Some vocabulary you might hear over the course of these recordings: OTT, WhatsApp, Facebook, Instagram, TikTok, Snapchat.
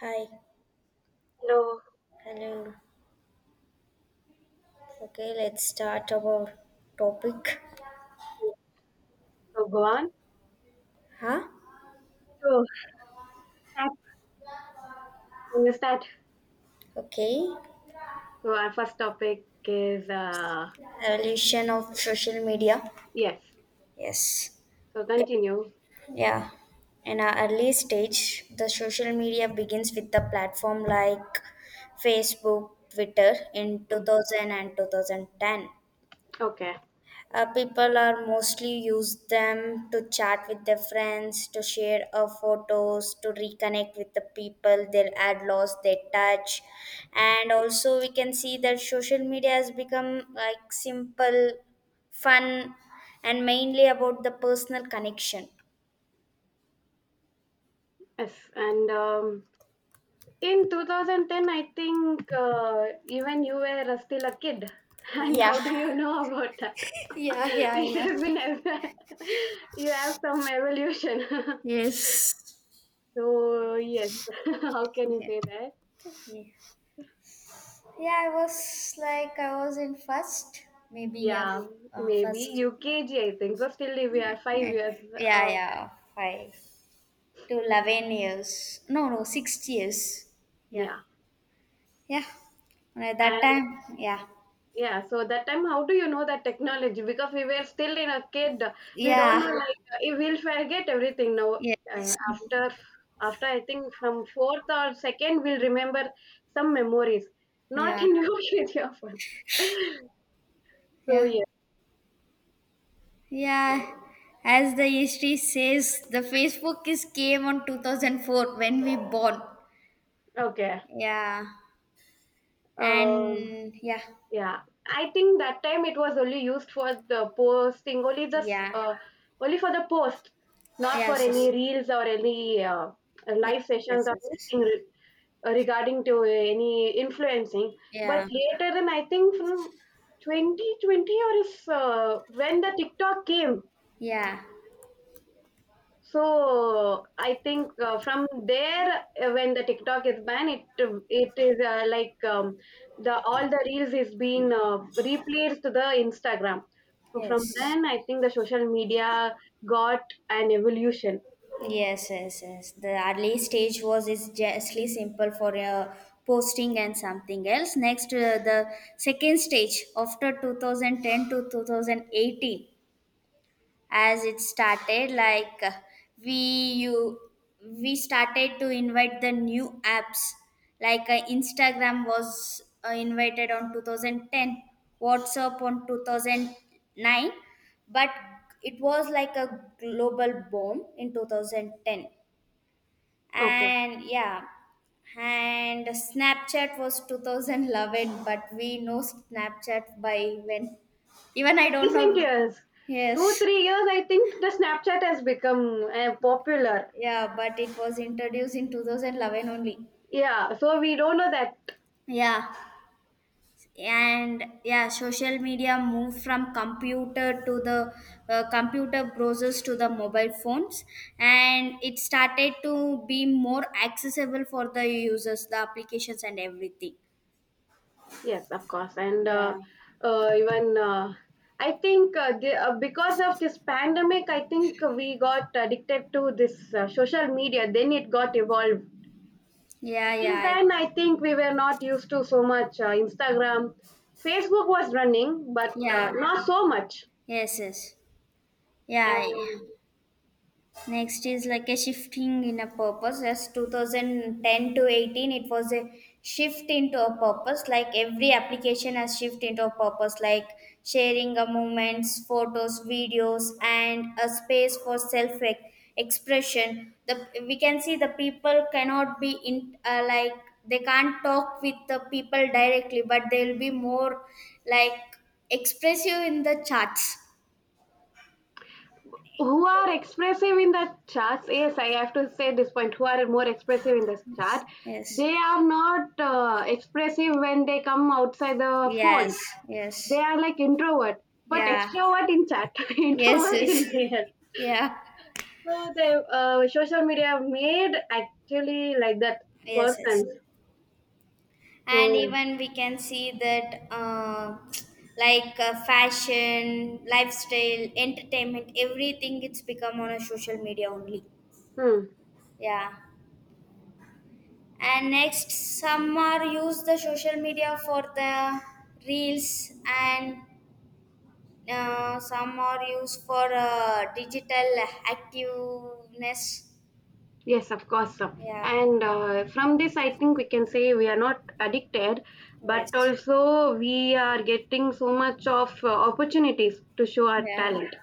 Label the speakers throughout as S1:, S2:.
S1: Hi,
S2: Hello.
S1: hello. Okay, let's start our topic.
S2: So go on.
S1: Huh?
S2: So that Can you start?
S1: Okay,
S2: So our first topic is
S1: evolution of social media.
S2: yes.
S1: Yes.
S2: So
S1: Okay.
S2: continue.
S1: Yeah. In our early stage, the social media begins with the platform like Facebook, Twitter in
S2: Mm.
S1: 2010.
S2: Okay.
S1: People are mostly use them to chat with their friends, to share photos, to reconnect with the people they had lost their touch, and also we can see that social media has become like simple, fun, and mainly about the personal connection.
S2: Yes. And in 2010, I think even you were still a kid. And
S1: Yeah.
S2: how do you know about that?
S1: Yeah, yeah,
S2: It
S1: yeah.
S2: has been as you have some evolution. So yes, how can you
S1: Yeah.
S2: say that?
S1: Yeah. Yeah, I was like, I was in first, maybe, yeah,
S2: Yeah, maybe
S1: first. Yeah,
S2: UKG, I think so. Still, we
S1: yeah,
S2: are five
S1: yeah,
S2: years.
S1: yeah,
S2: Uh,
S1: yeah, five, to 11 years. No, no, 6 years. Yeah.
S2: yeah,
S1: Yeah. And at that time, yeah.
S2: Yeah, so that time, how do you know that technology? Because we were still in a kid, we don't know.
S1: Yeah.
S2: Yeah. Like we will forget everything now.
S1: Yes.
S2: Uh, after, after I think from fourth or second, we'll remember some memories. Not
S1: Yeah.
S2: in your kid, yeah, fun. So
S1: Yeah.
S2: yeah,
S1: Yeah. As the history says, the Facebook is came on 2004 when we born.
S2: okay.
S1: Yeah.
S2: Uh,
S1: And yeah.
S2: yeah, I think that time it was only used for the posting, only the
S1: Yeah.
S2: only for the post, not for
S1: Yes,
S2: any
S1: yes.
S2: reels or any
S1: Yes,
S2: live sessions
S1: yes,
S2: or
S1: yes.
S2: anything
S1: Yes.
S2: re- uh, regarding to any influencing. But
S1: Yeah.
S2: later, and I think from 2020 or is when the TikTok came,
S1: Yeah.
S2: so I think from there, when the TikTok is banned, it is like the all the reels is being replaced to the Instagram. So from
S1: Yes.
S2: then, I think the social media got an evolution.
S1: Yes, yes, yes. The early stage was is justly simple for posting and something else. Next, the second stage after 2010 to 2018, as it started, like we you we started to invite the new apps. Like Instagram was invited on 2010, WhatsApp on 2009, but it was like a global boom in 2010,
S2: Okay.
S1: and yeah, and Snapchat was 2011, but we know Snapchat by when, even I don't
S2: Recent
S1: know.
S2: years, two
S1: Yes.
S2: three years, I think the Snapchat has become popular.
S1: Yeah, but it was introduced in 2011 only.
S2: Yeah, so we don't know that.
S1: Yeah, and yeah, social media moved from computer to the computer browsers to the mobile phones, and it started to be more accessible for the users, the applications and everything.
S2: Yes, of course, and
S1: Yeah.
S2: even I think because of this pandemic, I think we got addicted to this social media. Then it got evolved.
S1: Yeah, yeah,
S2: Till then, I think we were not used to so much Instagram. Facebook was running, but
S1: yeah.
S2: not so much.
S1: Yes, yes. Yeah,
S2: And
S1: next is like a shifting in a purpose. As 2010 to 18, it was a shift into a purpose. Like every application has shift into a purpose, like sharing a moments, photos, videos, and a space for self expression. The we can see the people cannot be in like they can't talk with the people directly, but they'll be more like expressive in the charts.
S2: who are expressive in the charts? Yes, I have to say this point. Who are more expressive in this chart?
S1: Yes.
S2: They are not expressive when they come outside the phone.
S1: Yes.
S2: They
S1: Yes.
S2: are like introvert, but
S1: Yeah.
S2: extrovert in chat,
S1: Yes,
S2: introvert in
S1: yes.
S2: real.
S1: Yeah.
S2: So they social media made actually like that
S1: Yes, yes.
S2: persons.
S1: And
S2: So
S1: even we can see that like fashion, lifestyle, entertainment, everything it's become on a social media only.
S2: hmm,
S1: Yeah. And next, some are use the social media for the reels and some are used for digital activeness.
S2: yes, of course. So.
S1: Yeah.
S2: And from this, I think we can say we are not addicted, but
S1: Yes.
S2: also we are getting so much of opportunities to show our
S1: Yeah.
S2: talent.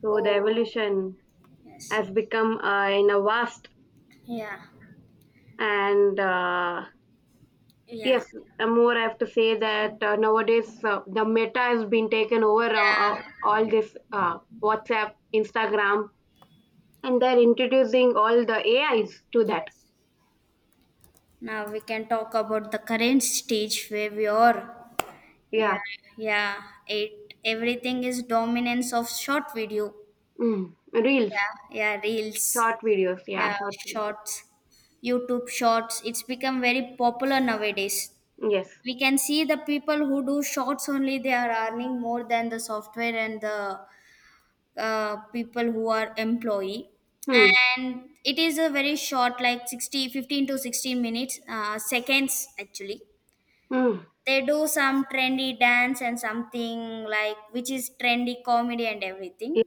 S2: So the
S1: Oh.
S2: evolution
S1: Yes.
S2: has become in a vast
S1: Yeah.
S2: and
S1: Yeah,
S2: yes, more I have to say that nowadays the meta has been taken over
S1: yeah,
S2: all this WhatsApp, Instagram, and they're introducing all the AIs to that.
S1: yes. Now we can talk about the current stage where we are.
S2: Yeah,
S1: Yeah, yeah. It everything is dominance of short video.
S2: mm, reels,
S1: Yeah, yeah, reels.
S2: short videos. Yeah,
S1: Yeah,
S2: short reels.
S1: shorts. YouTube shorts. It's become very popular nowadays.
S2: Yes.
S1: We can see the people who do shorts only they are earning more than the software and the people who are employee,
S2: Hmm.
S1: and it is a very short like 60 15 to 16 minutes seconds actually.
S2: Hmm.
S1: They do some trendy dance and something like which is trendy comedy and everything.
S2: Yeah.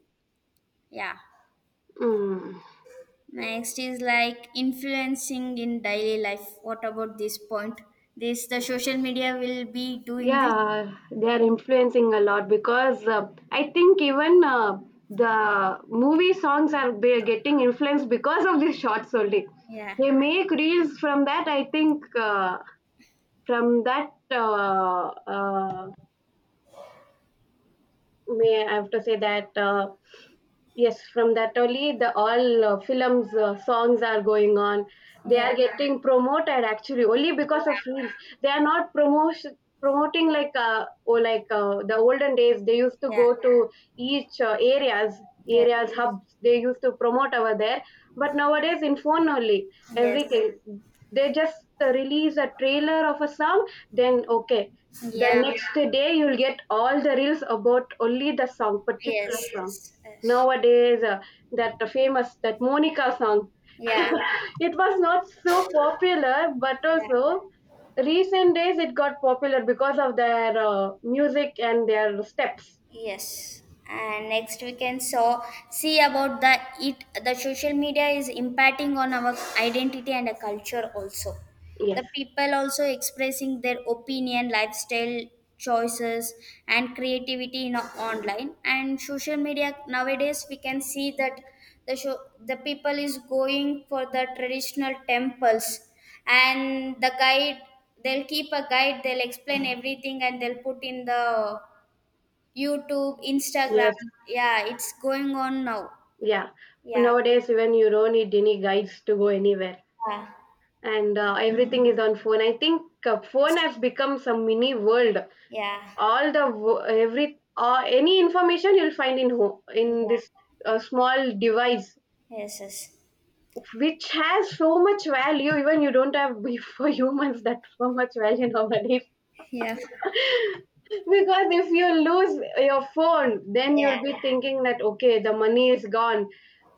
S1: Yeah.
S2: Hmm.
S1: Next is like influencing in daily life, what about this point, this the social media will be doing this.
S2: Yeah, they are influencing a lot because I think even the movie songs are getting influenced because of these shots only.
S1: Yeah,
S2: They make reels from that. I think from that. May I have to say that. Yes, from that only the all films songs are going on. They
S1: yeah,
S2: are getting promoted actually only because of reels. They are not promotion promoting like or like the olden days. They used to
S1: yeah,
S2: go to each
S1: yeah, yes,
S2: areas hubs. They used to promote over there. But nowadays in phone only
S1: yes,
S2: everything. They just release a trailer of a song. Then okay, the
S1: yeah,
S2: next day you'll get all the reels about only the song particular
S1: yes, yes,
S2: song
S1: yes.
S2: nowadays. That famous that monica song.
S1: Yeah.
S2: It was not so popular but
S1: Yeah.
S2: also recent days it got popular because of their music and their steps.
S1: Yes, and next we can so see about the social media is impacting on our identity and a culture also.
S2: Yes,
S1: The people also expressing their opinion, lifestyle choices, and creativity in online and social media. Nowadays we can see that the people is going for the traditional temples and the guide, they'll keep a guide, they'll explain everything and they'll put in the YouTube, Instagram.
S2: yes,
S1: Yeah, it's going on now.
S2: yeah.
S1: Yeah.
S2: Nowadays even you don't need any guides to go anywhere,
S1: Yeah.
S2: and everything is on phone. I think phone
S1: Yes.
S2: has become some mini world.
S1: Yeah.
S2: All the wo- every Any information you'll find in home in
S1: Yeah.
S2: this small device,
S1: Yes. Yes.
S2: which has so much value. Even you don't have for humans that so much value nowadays.
S1: Yeah.
S2: Because if you lose your phone then
S1: Yeah.
S2: you'll be thinking that okay, the money is gone,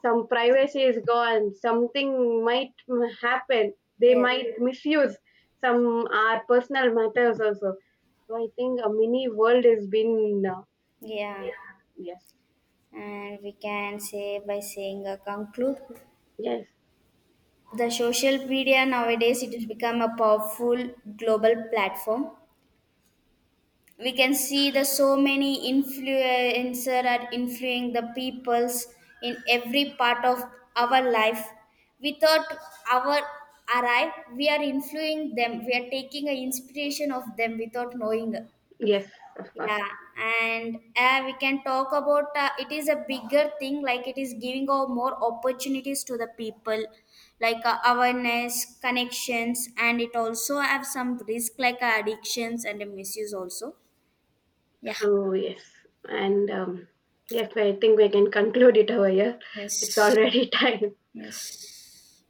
S2: some privacy is gone, something might happen, they
S1: Yes.
S2: might misuse some our personal matters also. So I think a mini world has been
S1: Yeah.
S2: yes,
S1: And we can say by saying a conclude.
S2: yes,
S1: The social media nowadays it has become a powerful global platform. We can see the so many influencer are influencing the peoples in every part of our life without our arrive, we are influencing them, we are taking an inspiration of them without knowing.
S2: yes, of course.
S1: Yeah. And we can talk about it is a bigger thing like it is giving out more opportunities to the people like awareness connections, and it also have some risk like addictions and misuse also. Yeah.
S2: So yes, and yes, I think we can conclude it over here. It's
S1: Yes.
S2: already time.
S1: Yes.